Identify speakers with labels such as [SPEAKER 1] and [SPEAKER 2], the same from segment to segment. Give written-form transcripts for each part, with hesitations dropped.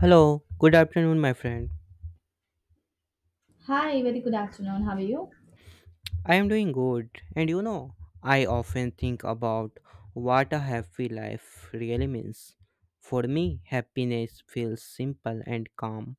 [SPEAKER 1] Hello, good afternoon, my friend.
[SPEAKER 2] Hi, very good afternoon. How are you?
[SPEAKER 1] I am doing good, and I often think about what a happy life really means. For me, happiness feels simple and calm.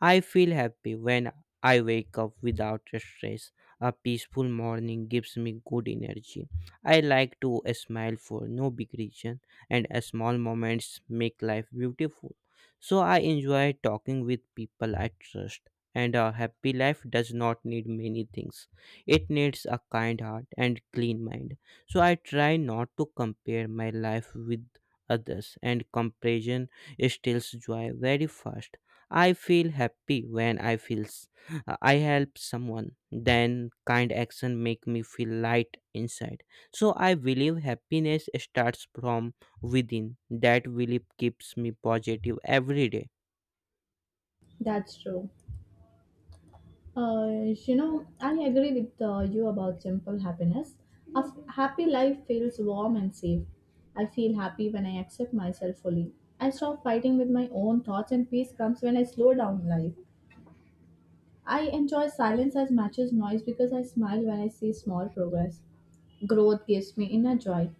[SPEAKER 1] I feel happy when I wake up without stress. A peaceful morning gives me good energy. I like to smile for no big reason, and small moments make life beautiful. So I enjoy talking with people I trust. And a happy life does not need many things. It needs a kind heart and clean mind. So I try not to compare my life with others, and comparison steals joy very fast. I feel happy when I help someone. Then kind action make me feel light inside. So I believe happiness starts from within. That belief keeps me positive every day.
[SPEAKER 2] That's true. Uh, you know, I agree with you about simple happiness. A happy life feels warm and safe. I feel happy when I accept myself fully. I stop fighting with my own thoughts, and peace comes when I slow down life. I enjoy silence as much as noise because I smile when I see small progress. Growth gives me inner joy.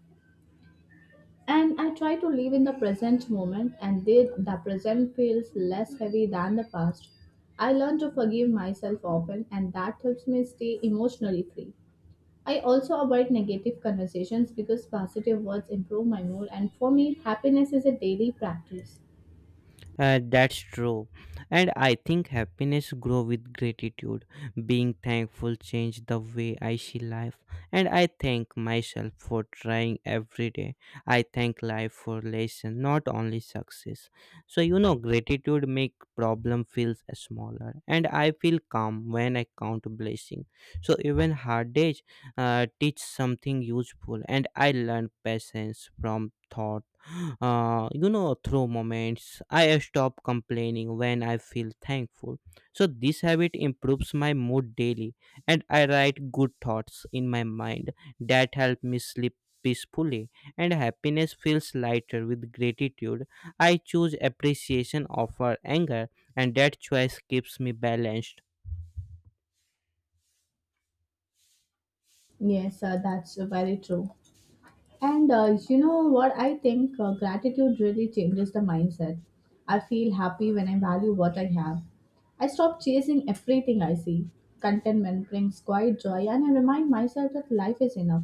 [SPEAKER 2] And I try to live in the present moment, and then the present feels less heavy than the past. I learn to forgive myself often, and that helps me stay emotionally free. I also avoid negative conversations because positive words improve my mood, and for me, happiness is a daily practice.
[SPEAKER 1] That's true. And I think happiness grow with gratitude. Being thankful changed the way I see life. And I thank myself for trying every day. I thank life for lesson, not only success. So gratitude make problem feels smaller. And I feel calm when I count blessing. So even hard days teach something useful, and I learn patience from thought through moments. I stop complaining when I feel thankful. So this habit improves my mood daily, and I write good thoughts in my mind that help me sleep peacefully. And happiness feels lighter with gratitude. I choose appreciation over anger, and that choice keeps me balanced.
[SPEAKER 2] Yes, sir, that's very true. And you know what? I think gratitude really changes the mindset. I feel happy when I value what I have. I stop chasing everything I see. Contentment brings quiet joy, and I remind myself that life is enough.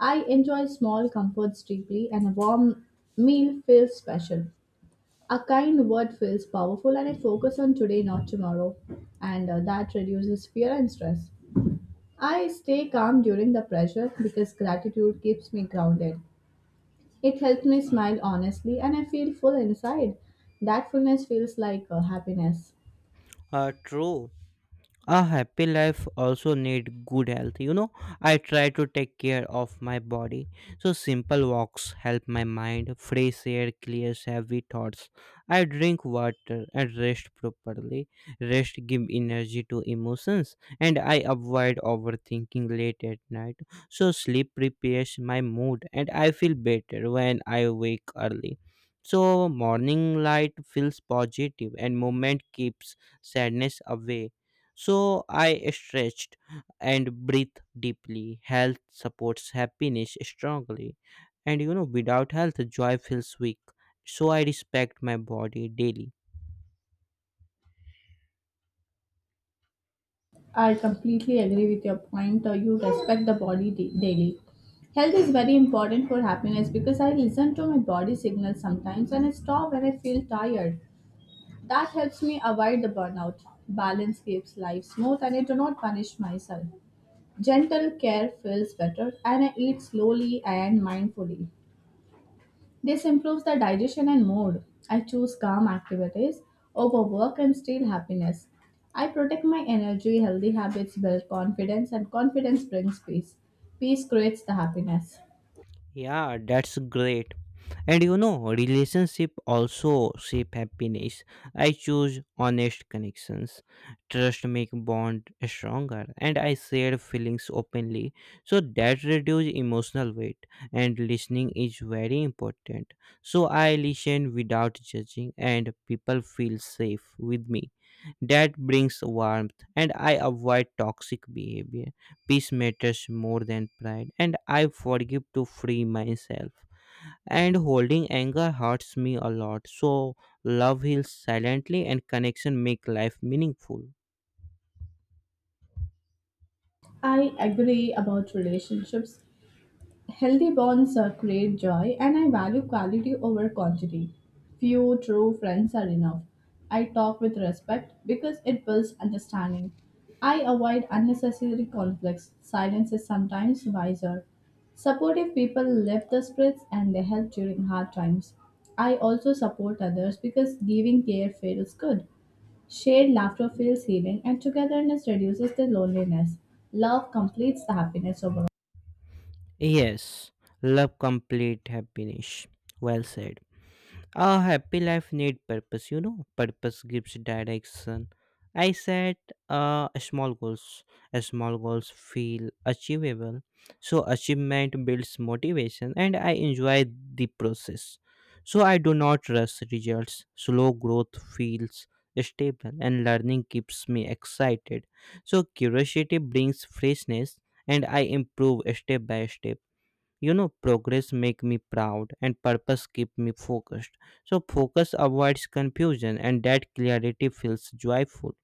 [SPEAKER 2] I enjoy small comforts deeply, and a warm meal feels special. A kind word feels powerful, and I focus on today, not tomorrow. And that reduces fear and stress. I stay calm during the pressure because gratitude keeps me grounded. It helps me smile honestly and I feel full inside. That fullness feels like happiness.
[SPEAKER 1] True. A happy life also need good health. I try to take care of my body. So simple walks help my mind. Fresh air clears heavy thoughts. I drink water and rest properly. Rest give energy to emotions, and I avoid overthinking late at night. So sleep prepares my mood, and I feel better when I wake early. So morning light feels positive, and movement keeps sadness away. So I stretched and breathed deeply. Health supports happiness strongly. And without health, joy feels weak. So I respect my body daily.
[SPEAKER 2] I completely agree with your point. You respect the body daily. Health is very important for happiness because I listen to my body signals sometimes and I stop when I feel tired. That helps me avoid the burnout. Balance keeps life smooth and I do not punish myself. Gentle care feels better and I eat slowly and mindfully. This improves the digestion and mood. I choose calm activities over work and steal happiness. I protect my energy, healthy habits build confidence, and confidence brings peace. Peace creates the happiness.
[SPEAKER 1] Yeah, that's great. And relationship also shape happiness. I choose honest connections. Trust make bond stronger, and I share feelings openly. So that reduce emotional weight, and listening is very important. So I listen without judging, and people feel safe with me. That brings warmth, and I avoid toxic behavior. Peace matters more than pride, and I forgive to free myself, and holding anger hurts me a lot. So love heals silently, and connection make life meaningful.
[SPEAKER 2] I agree about relationships. Healthy bonds create joy, and I value quality over quantity. Few true friends are enough. I talk with respect because it builds understanding. I avoid unnecessary conflicts. Silence is sometimes wiser. Supportive people lift the spirits and they help during hard times. I also support others because giving care feels good. Shared laughter feels healing, and togetherness reduces the loneliness. Love completes the happiness overall.
[SPEAKER 1] Yes, love complete happiness. Well said. A happy life need purpose. Purpose gives direction. I set small goals. Small goals feel achievable. So achievement builds motivation, and I enjoy the process. So I do not rush results. Slow growth feels stable, and learning keeps me excited. So curiosity brings freshness, and I improve step by step. Progress make me proud, and purpose keep me focused. So focus avoids confusion, and that clarity feels joyful.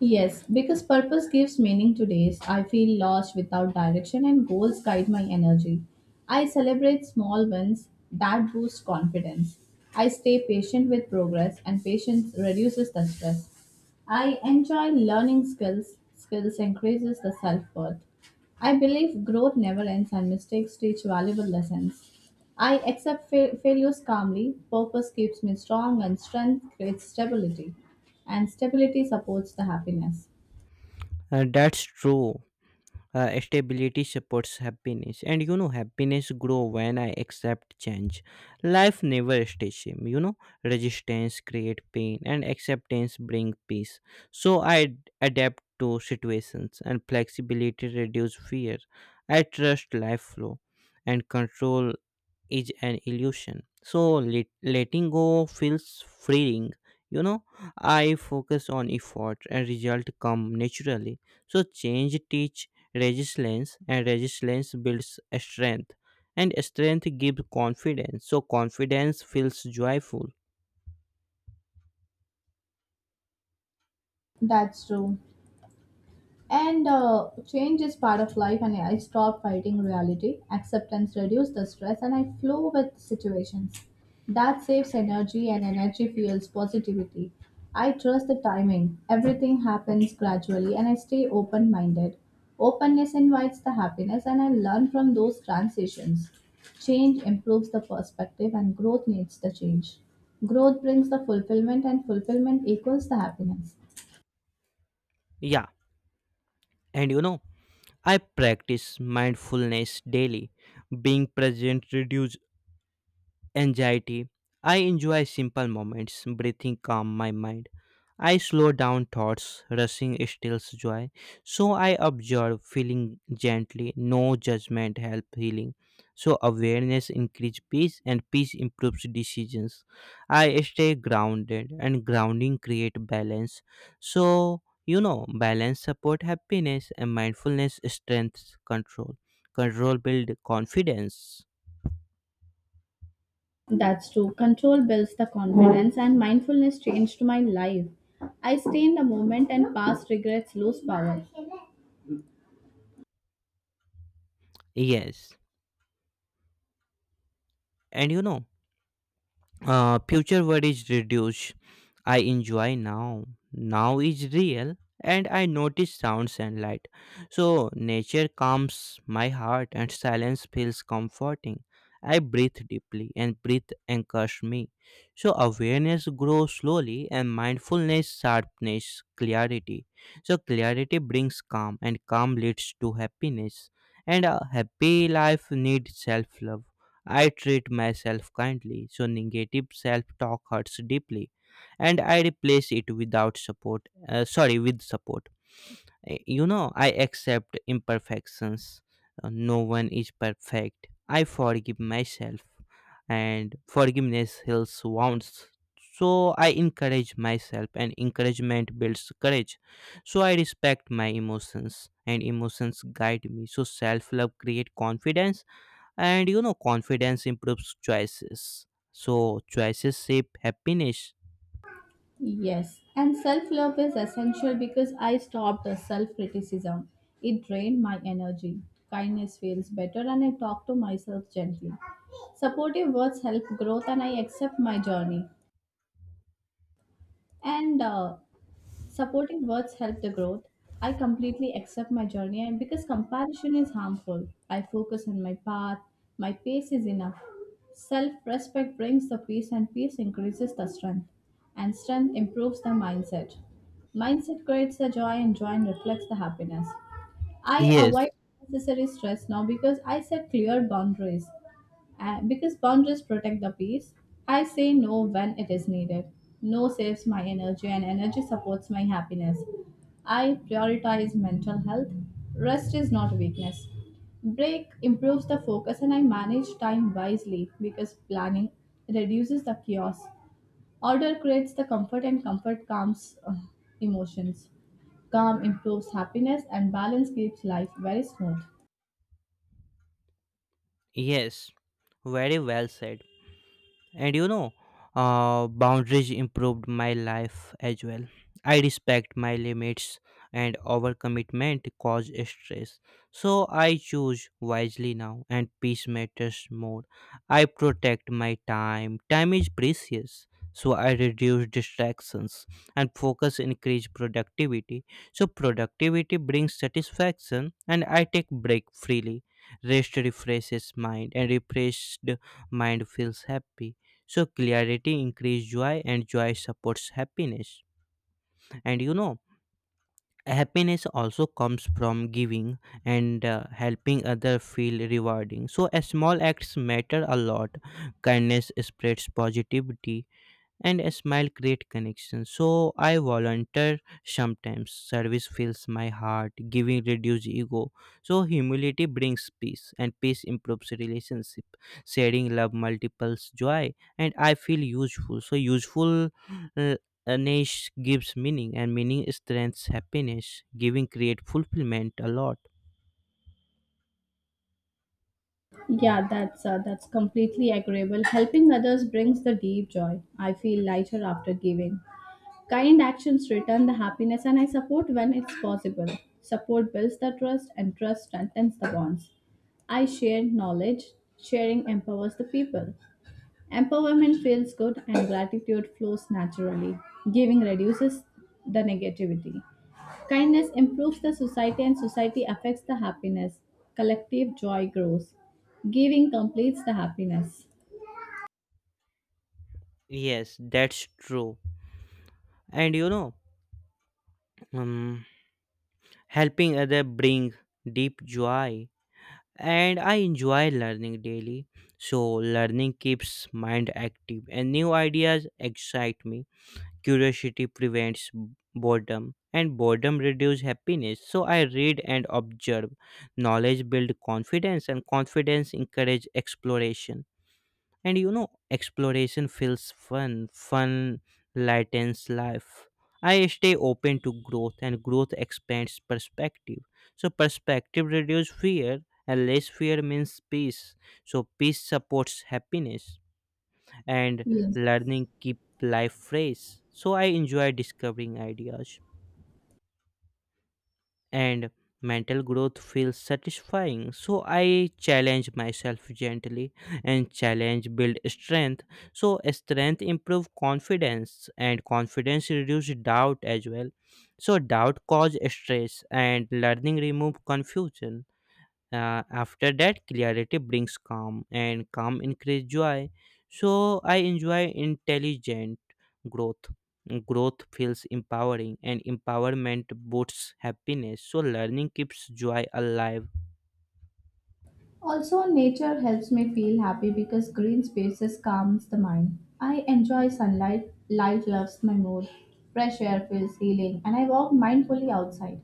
[SPEAKER 2] Yes, because purpose gives meaning to days. I feel lost without direction, and goals guide my energy. I celebrate small wins that boost confidence. I stay patient with progress, and patience reduces the stress. I enjoy learning skills. Skills increases the self worth. I believe growth never ends, and mistakes teach valuable lessons. I accept failures calmly. Purpose keeps me strong, and strength creates stability, and stability supports the happiness.
[SPEAKER 1] That's true. Stability supports happiness. And happiness grow when I accept change. Life never stays same. Resistance create pain, and acceptance bring peace. So I adapt to situations, and flexibility reduce fear. I trust life flow, and control is an illusion. So letting go feels freeing. You know, I focus on effort, and result come naturally. So change teach resilience, and resilience builds strength, and strength gives confidence. So confidence feels joyful.
[SPEAKER 2] That's true. And change is part of life, and I stopped fighting reality. Acceptance reduces the stress, and I flow with situations. That saves energy, and energy fuels positivity. I trust the timing. Everything happens gradually, and I stay open minded. Openness invites the happiness, and I learn from those transitions. Change improves the perspective, and growth needs the change. Growth brings the fulfillment, and fulfillment equals the happiness.
[SPEAKER 1] Yeah. And I practice mindfulness daily. Being present reduces anxiety. I enjoy simple moments, breathing calm my mind. I slow down thoughts, rushing stills joy. So I observe, feeling gently, no judgment help healing. So awareness increase peace, and peace improves decisions. I stay grounded, and grounding create balance. So balance support happiness, and mindfulness strengths control. Control build confidence.
[SPEAKER 2] That's true. Control builds the confidence, and mindfulness changed my life. I stay in the moment, and past regrets lose power.
[SPEAKER 1] Yes. And future word is reduce. I enjoy now. Now is real, and I notice sounds and light. So nature calms my heart, and silence feels comforting. I breathe deeply, and breathe anchors me. So awareness grows slowly, and mindfulness sharpness clarity. So clarity brings calm, and calm leads to happiness. And a happy life needs self love. I treat myself kindly, so negative self talk hurts deeply, and I replace it without support. Sorry, with support. I accept imperfections. No one is perfect. I forgive myself, and forgiveness heals wounds. So I encourage myself, and encouragement builds courage. So I respect my emotions, and emotions guide me. So self love creates confidence, and confidence improves choices. So choices shape happiness.
[SPEAKER 2] Yes, and self love is essential because I stopped the self criticism. It drained my energy. Kindness feels better, and I talk to myself gently. Supportive words help growth, and I accept my journey. And supporting words help the growth. I completely accept my journey and because comparison is harmful, I focus on my path. My pace is enough. Self respect brings the peace, and peace increases the strength. And strength improves the mindset. Mindset creates the joy, and joy reflects the happiness. I
[SPEAKER 1] Yes.
[SPEAKER 2] avoid unnecessary stress now because I set clear boundaries. Because boundaries protect the peace, I say no when it is needed. No saves my energy, and energy supports my happiness. I prioritize mental health. Rest is not weakness. Break improves the focus, and I manage time wisely because planning reduces the chaos. Order creates the comfort, and comfort calms emotions. Calm improves happiness, and balance keeps life very smooth.
[SPEAKER 1] Yes, very well said. And boundaries improved my life as well. I respect my limits, and overcommitment cause stress. So I choose wisely now, and peace matters more. I protect my time. Time is precious. So I reduce distractions, and focus increase productivity. So productivity brings satisfaction, and I take break freely. Rest refreshes mind, and refreshed mind feels happy. So clarity increases joy, and joy supports happiness. And happiness also comes from giving, and helping other feel rewarding. So a small acts matter a lot. Kindness spreads positivity, and a smile create connection. So I volunteer sometimes. Service fills my heart. Giving reduce ego. So humility brings peace, and peace improves relationship. Sharing love multiples joy, and I feel useful. So useful uh, ness gives meaning, and meaning strengthens happiness. Giving create fulfillment a lot.
[SPEAKER 2] Yeah, that's completely agreeable. Helping others brings the deep joy. I feel lighter after giving. Kind actions return the happiness, and I support when it's possible. Support builds the trust, and trust strengthens the bonds. I share knowledge. Sharing empowers the people. Empowerment feels good and gratitude flows naturally. Giving reduces the negativity. Kindness improves the society and society affects the happiness. Collective joy grows. Giving completes the happiness.
[SPEAKER 1] Yes, that's true. And um, helping other bring deep joy. And I enjoy learning daily. So learning keeps mind active, and new ideas excite me. Curiosity prevents boredom, and boredom reduces happiness. So I read and observe. Knowledge builds confidence, and confidence encourages exploration. And exploration feels fun. Fun lightens life. I stay open to growth, and growth expands perspective. So perspective reduces fear, and less fear means peace. So peace supports happiness, and
[SPEAKER 2] Yes.
[SPEAKER 1] learning keep life fresh. So I enjoy discovering ideas, and mental growth feels satisfying. So I challenge myself gently, and challenge build strength. So strength improve confidence, and confidence reduce doubt as well. So doubt cause stress, and learning remove confusion. After that, clarity brings calm, and calm increases joy. So I enjoy intelligent growth. Growth feels empowering, and empowerment boosts happiness. So learning keeps joy alive.
[SPEAKER 2] Also, nature helps me feel happy because green spaces calms the mind. I enjoy sunlight, light loves my mood, fresh air feels healing, and I walk mindfully outside.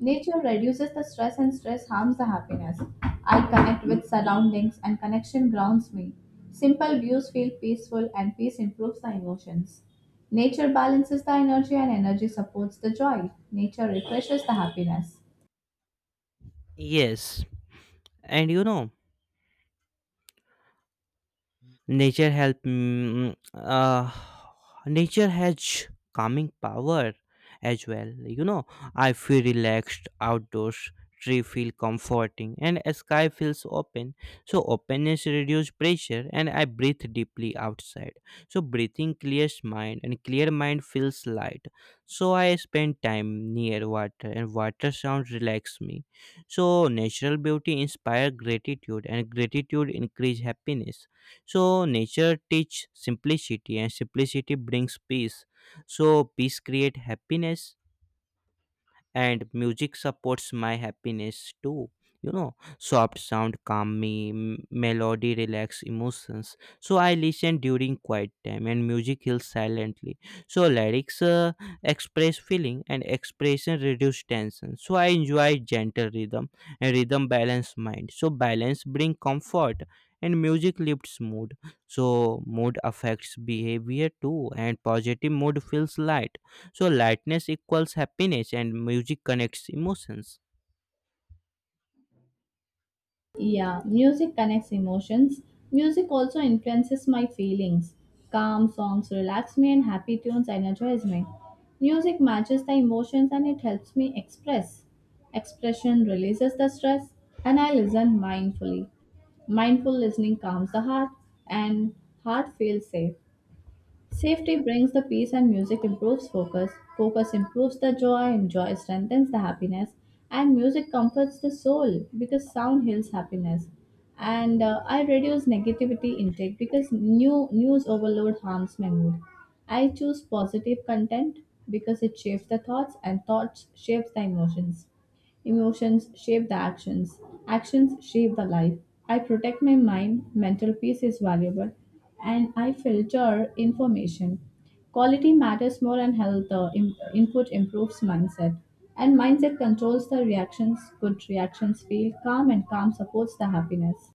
[SPEAKER 2] Nature reduces the stress and stress harms the happiness. I connect with surroundings and connection grounds me. Simple views feel peaceful and peace improves the emotions. Nature balances the energy and energy supports the joy. Nature refreshes the happiness.
[SPEAKER 1] Yes, and you know. Nature help. Nature has calming power as well. I feel relaxed outdoors. Tree feel comforting, and a sky feels open. So openness reduce pressure, and I breathe deeply outside. So breathing clears mind, and clear mind feels light. So I spend time near water, and water sound relax me. So natural beauty inspire gratitude, and gratitude increase happiness. So nature teach simplicity, and simplicity brings peace. So peace create happiness. And music supports my happiness too. Soft sound calm me. Melody relax emotions. So I listen during quiet time, and music heals silently. So lyrics express feeling, and expression reduce tension. So I enjoy gentle rhythm, and rhythm balance mind. So balance bring comfort, and music lifts mood. So mood affects behavior too, and positive mood feels light. So lightness equals happiness, and music connects emotions.
[SPEAKER 2] Yeah, music connects emotions. Music also influences my feelings. Calm songs relax me and happy tunes energize me. Music matches the emotions and it helps me express. Expression releases the stress and I listen mindfully. Mindful listening calms the heart and heart feels safe. Safety brings the peace and music improves focus. Focus improves the joy, and joy strengthens the happiness. And music comforts the soul because sound heals happiness. And I reduce negativity intake because new news overload harms my mood. I choose positive content because it shapes the thoughts and thoughts shapes the emotions. Emotions shape the actions. Actions shape the life. I protect my mind, mental peace is valuable, and I filter information. Quality matters more and health input improves mindset. And mindset controls the reactions, good reactions feel calm and calm supports the happiness.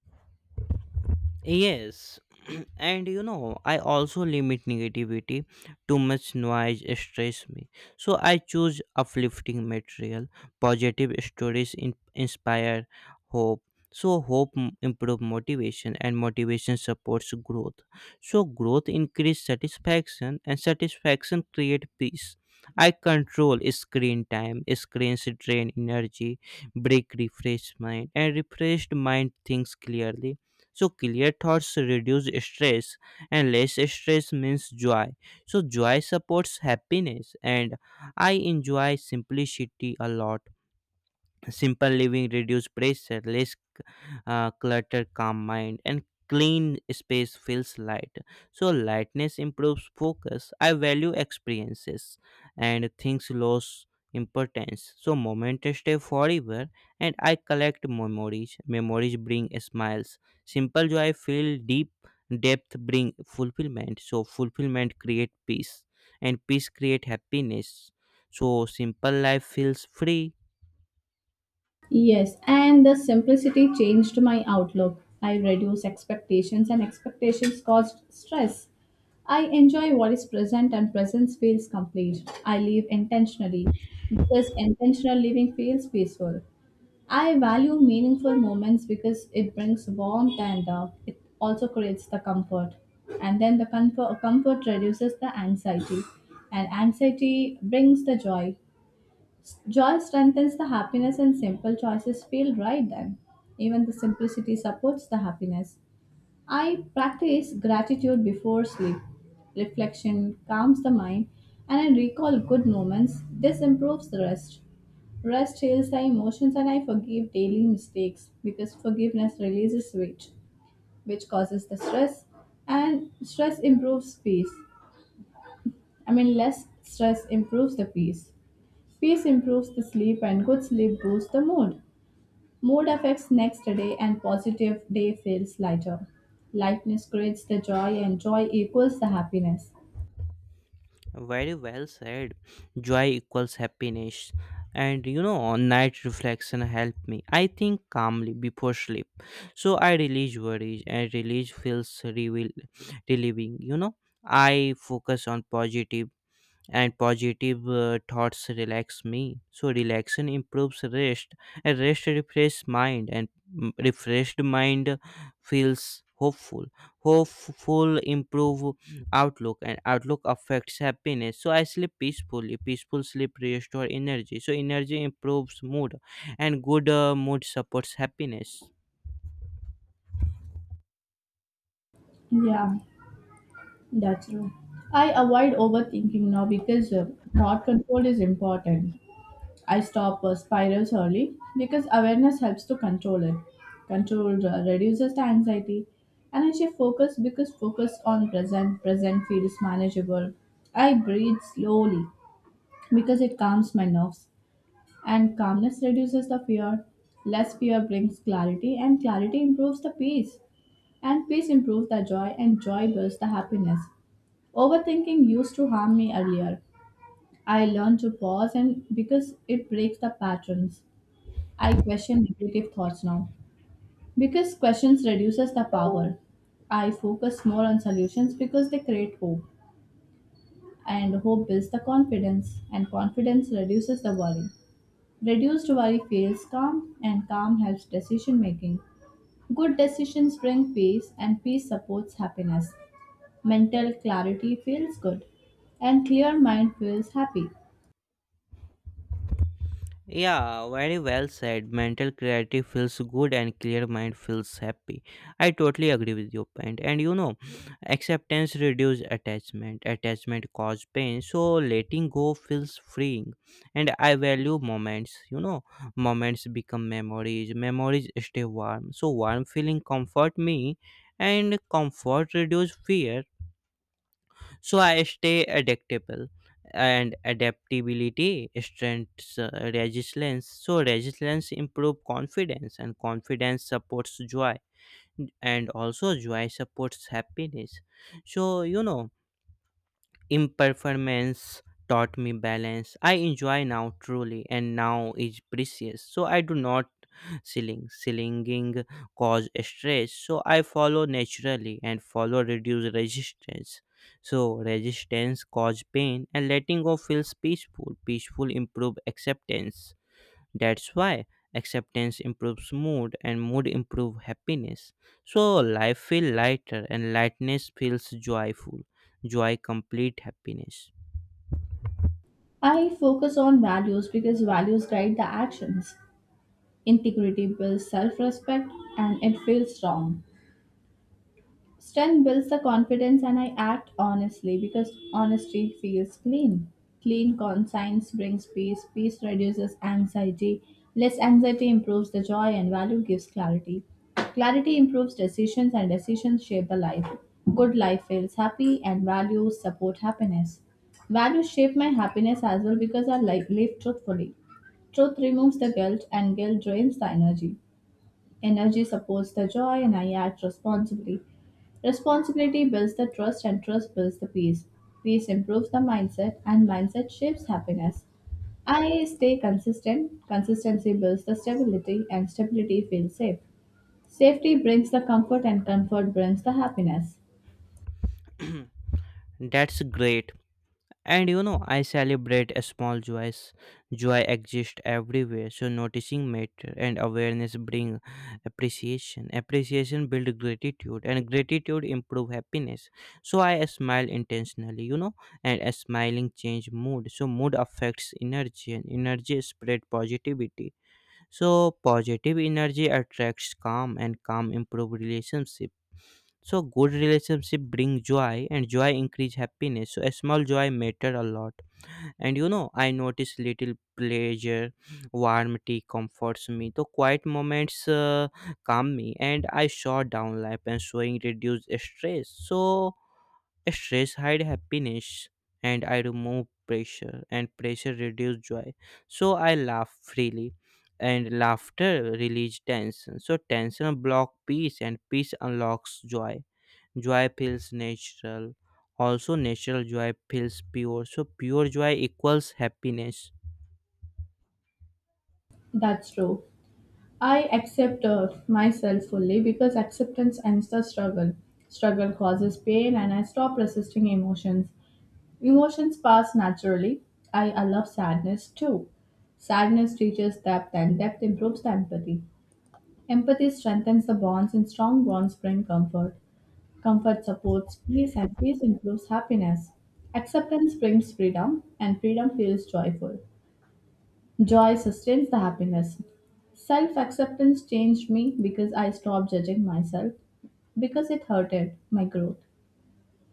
[SPEAKER 1] Yes, and I also limit negativity. Too much noise stress me. So I choose uplifting material. Positive stories inspire hope. So hope improve motivation, and motivation supports growth. So growth increase satisfaction, and satisfaction create peace. I control screen time. Screens drain energy. Break refresh mind, and refreshed mind thinks clearly. So clear thoughts reduce stress, and less stress means joy. So joy supports happiness, and I enjoy simplicity a lot. Simple living reduce pressure. Less clutter calm mind, and clean space feels light. So lightness improves focus. I value experiences, and things lose importance. So moments stay forever, and I collect memories. Memories bring smiles. Simple joy feel deep. Depth bring fulfillment. So fulfillment create peace, and peace create happiness. So simple life feels free.
[SPEAKER 2] Yes, and the simplicity changed my outlook. I reduced expectations, and expectations caused stress. I enjoy what is present, and presence feels complete. I live intentionally because intentional living feels peaceful. I value meaningful moments because it brings warmth and it also creates the comfort. And then the comfort, reduces the anxiety, and anxiety brings the joy. Joy strengthens the happiness, and simple choices feel right then. Even the simplicity supports the happiness. I practice gratitude before sleep. Reflection calms the mind, and I recall good moments. This improves the rest. Rest heals the emotions, and I forgive daily mistakes because forgiveness releases weight, which causes the stress, and stress improves peace. I mean, less stress improves the peace. Peace improves the sleep, and good sleep boosts the mood. Mood affects next day and positive day feels lighter. Lightness creates the joy and joy equals the happiness.
[SPEAKER 1] Very well said. Joy equals happiness. And on night reflection help me. I think calmly before sleep. So I release worries, and release feels relieving. I focus on positive, and positive thoughts relax me. So relaxation improves rest, and rest refreshes mind, and refreshed mind feels hopeful. Hopeful improve outlook, and outlook affects happiness. So I sleep peacefully. Peaceful sleep restore energy. So energy improves mood, and good mood supports happiness.
[SPEAKER 2] Yeah, that's true. I avoid overthinking now because thought control is important. I stop spirals early because awareness helps to control it. Control reduces the anxiety and I shift focus because focus on present feels manageable. I breathe slowly because it calms my nerves. And calmness reduces the fear, less fear brings clarity, and clarity improves the peace, and peace improves the joy, and joy builds the happiness. Overthinking used to harm me earlier. I learned to pause and because it breaks the patterns. I question negative thoughts now because questions reduces the power. I focus more on solutions because they create hope and hope builds the confidence and confidence reduces the worry. Reduced worry feels calm, and calm helps decision making. Good decisions bring peace, and peace supports happiness. Mental clarity feels good, and clear mind feels happy.
[SPEAKER 1] Yeah, very well said. Mental clarity feels good, and clear mind feels happy. I totally agree with your point. And acceptance reduces attachment. Attachment causes pain. So letting go feels freeing. And I value moments. Moments become memories. Memories stay warm. So warm feeling comfort me, and comfort reduce fear. So I stay adaptable, and adaptability strengthens resilience. So resilience improve confidence, and confidence supports joy, and also joy supports happiness. So Imperformance taught me balance. I enjoy now truly, and now is precious. So I do not selling cause stress. So I follow naturally, and follow reduce resistance. So resistance cause pain, and letting go feels peaceful. Peaceful improve acceptance. That's why acceptance improves mood, and mood improves happiness. So life feels lighter, and lightness feels joyful. Joy complete happiness.
[SPEAKER 2] I focus on values because values guide the actions. Integrity builds self respect, and it feels strong. Strength builds the confidence and I act honestly because honesty feels clean. Clean conscience brings peace, peace reduces anxiety, less anxiety improves the joy, and value gives clarity. Clarity improves decisions, and decisions shape the life. Good life feels happy, and values support happiness. Values shape my happiness as well because I like live truthfully. Truth removes the guilt, and guilt drains the energy. Energy supports the joy, and I act responsibly. Responsibility builds the trust, and trust builds the peace. Peace improves the mindset, and mindset shapes happiness. I stay consistent. Consistency builds the stability, and stability feels safe. Safety brings the comfort, and comfort brings the happiness.
[SPEAKER 1] That's great. And I celebrate a small joys. Joy exists everywhere, so noticing matter, and awareness bring appreciation. Appreciation build gratitude, and gratitude improve happiness. So I smile intentionally, and a smiling change mood. So mood affects energy, and energy spread positivity. So positive energy attracts calm, and calm improve relationship. So good relationship bring joy, and joy increase happiness. So a small joy matter a lot. And I notice little pleasure. Warm tea comforts me. The quiet moments calm me, and I shut down life, and showing reduce stress. So stress hide happiness, and I remove pressure, and pressure reduce joy. So I laugh freely, and laughter release tension. So tension block peace, and peace unlocks joy. Joy feels natural. Also natural joy feels pure. So pure joy equals happiness.
[SPEAKER 2] That's true. I accept myself fully because acceptance ends the struggle. Struggle causes pain, and I stop resisting emotions. Emotions pass naturally. I love sadness too. Sadness teaches depth, and depth improves the empathy. Empathy strengthens the bonds, and strong bonds bring comfort. Comfort supports peace, and peace improves happiness. Acceptance brings freedom, and freedom feels joyful. Joy sustains the happiness. Self acceptance changed me because I stopped judging myself because it hurted my growth.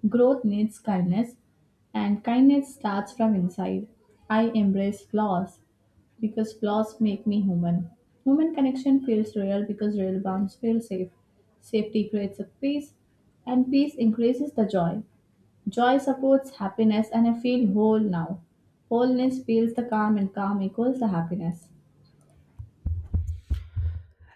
[SPEAKER 2] Growth needs kindness, and kindness starts from inside. I embrace flaws because flaws make me human. Human connection feels real because real bonds feel safe. Safety creates a peace, and peace increases the joy. Joy supports happiness, and I feel whole now. Wholeness feels the calm, and calm equals the happiness.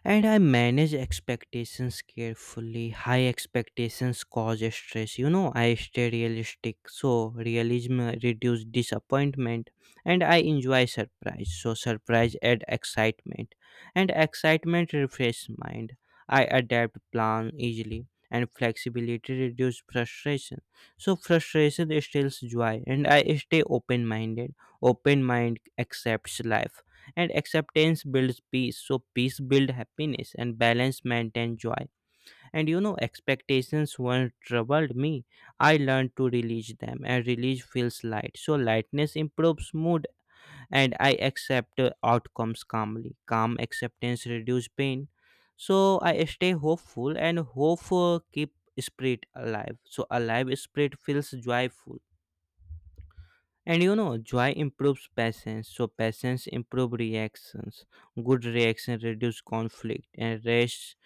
[SPEAKER 1] And I manage expectations carefully. High expectations cause stress. I stay realistic. So realism reduce disappointment, and I enjoy surprise. So surprise add excitement, and excitement refresh mind. I adapt plan easily, and flexibility reduce frustration. So frustration steals joy, and I stay open minded. Open mind accepts life, and acceptance builds peace. So peace builds happiness, and balance maintains joy. And expectations once troubled me. I learned to release them, and release feels light. So lightness improves mood, and I accept outcomes calmly. Calm acceptance reduces pain. So I stay hopeful, and hope keep spirit alive. So alive spirit feels joyful. And joy improves patience, so patience improves reactions. Good reaction reduce conflict, and rest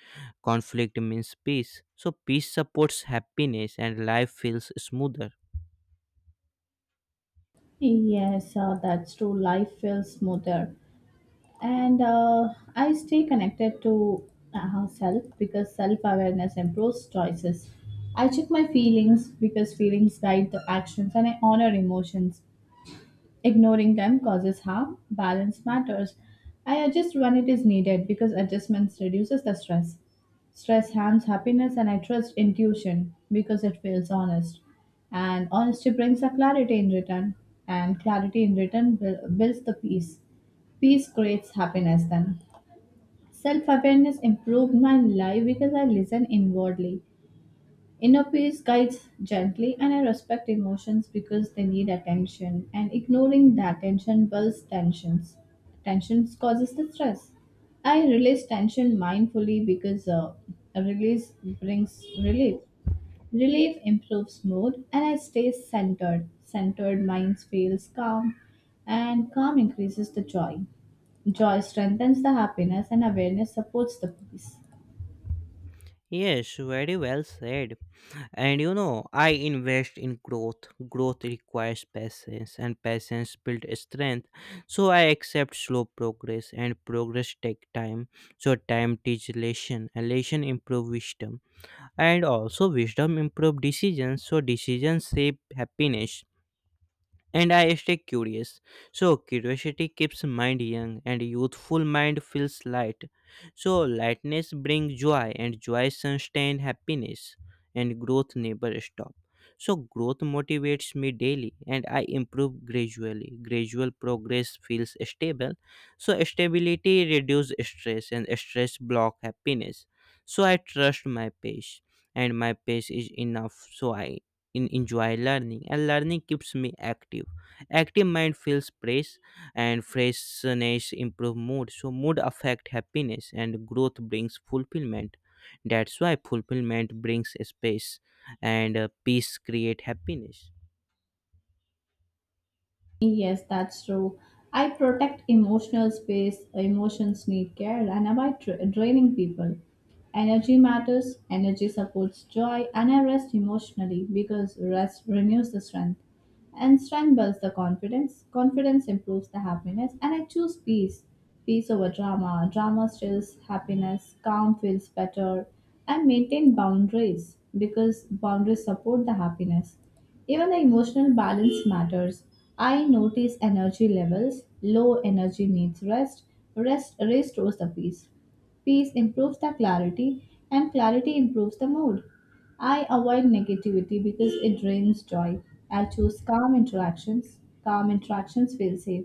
[SPEAKER 1] conflict means peace. So peace supports happiness, and life feels smoother.
[SPEAKER 2] Yes, that's true. Life feels smoother. And I stay connected to self because self-awareness improves choices. I check my feelings because feelings guide the actions and I honor emotions. Ignoring them causes harm. Balance matters. I adjust when it is needed because adjustments reduces the stress. Stress harms happiness and I trust intuition because it feels honest. And honesty brings a clarity in return. And clarity in return builds the peace. Peace creates happiness then. Self awareness improved my life because I listen inwardly. Inner peace guides gently, and I respect emotions because they need attention, and ignoring that attention builds tensions. Tension causes the stress. I release tension mindfully because a release brings relief. Relief improves mood, and I stay centered. Centered mind feels calm, and calm increases the joy. Joy strengthens the happiness, and awareness supports the peace.
[SPEAKER 1] Yes, very well said. And I invest in growth. Growth requires patience, and patience builds strength. So I accept slow progress, and progress take time. So time teaches lesson, and lesson improve wisdom, and also wisdom improve decisions. So decisions shape happiness, and I stay curious. So curiosity keeps mind young, and youthful mind feels light. So lightness brings joy, and joy sustains happiness, and growth never stop. So growth motivates me daily, and I improve gradually. Gradual progress feels stable. So stability reduces stress, and stress block happiness. So I trust my pace, and my pace is enough. So I in enjoy learning, and learning keeps me active. Active mind feels fresh, and freshness improve mood. So mood affect happiness, and growth brings fulfillment. That's why fulfillment brings space, and peace create happiness.
[SPEAKER 2] Yes, that's true. I protect emotional space, emotions need care, and avoid draining people. Energy matters, energy supports joy, and I rest emotionally because rest renews the strength. And strength builds the confidence, confidence improves the happiness, and I choose peace. Peace over drama, drama stills happiness, calm feels better, I maintain boundaries because boundaries support the happiness. Even the emotional balance matters. I notice energy levels. Low energy needs rest. Rest restores the peace. Peace improves the clarity, and clarity improves the mood. I avoid negativity because it drains joy. I choose calm interactions. Calm interactions feel safe.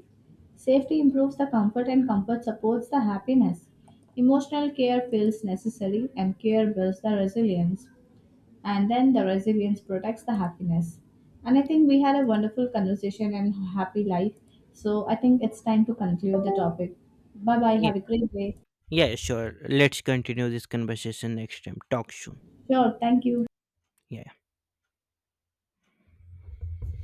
[SPEAKER 2] Safety improves the comfort, and comfort supports the happiness. Emotional care feels necessary, and care builds the resilience and then the resilience protects the happiness. And I think we had a wonderful conversation and happy life. So I think it's time to conclude the topic. Bye bye.
[SPEAKER 1] Yeah,
[SPEAKER 2] Have a great day.
[SPEAKER 1] yeah, sure. Let's continue this conversation next time. Talk soon.
[SPEAKER 2] Sure. Thank you.
[SPEAKER 1] Yeah.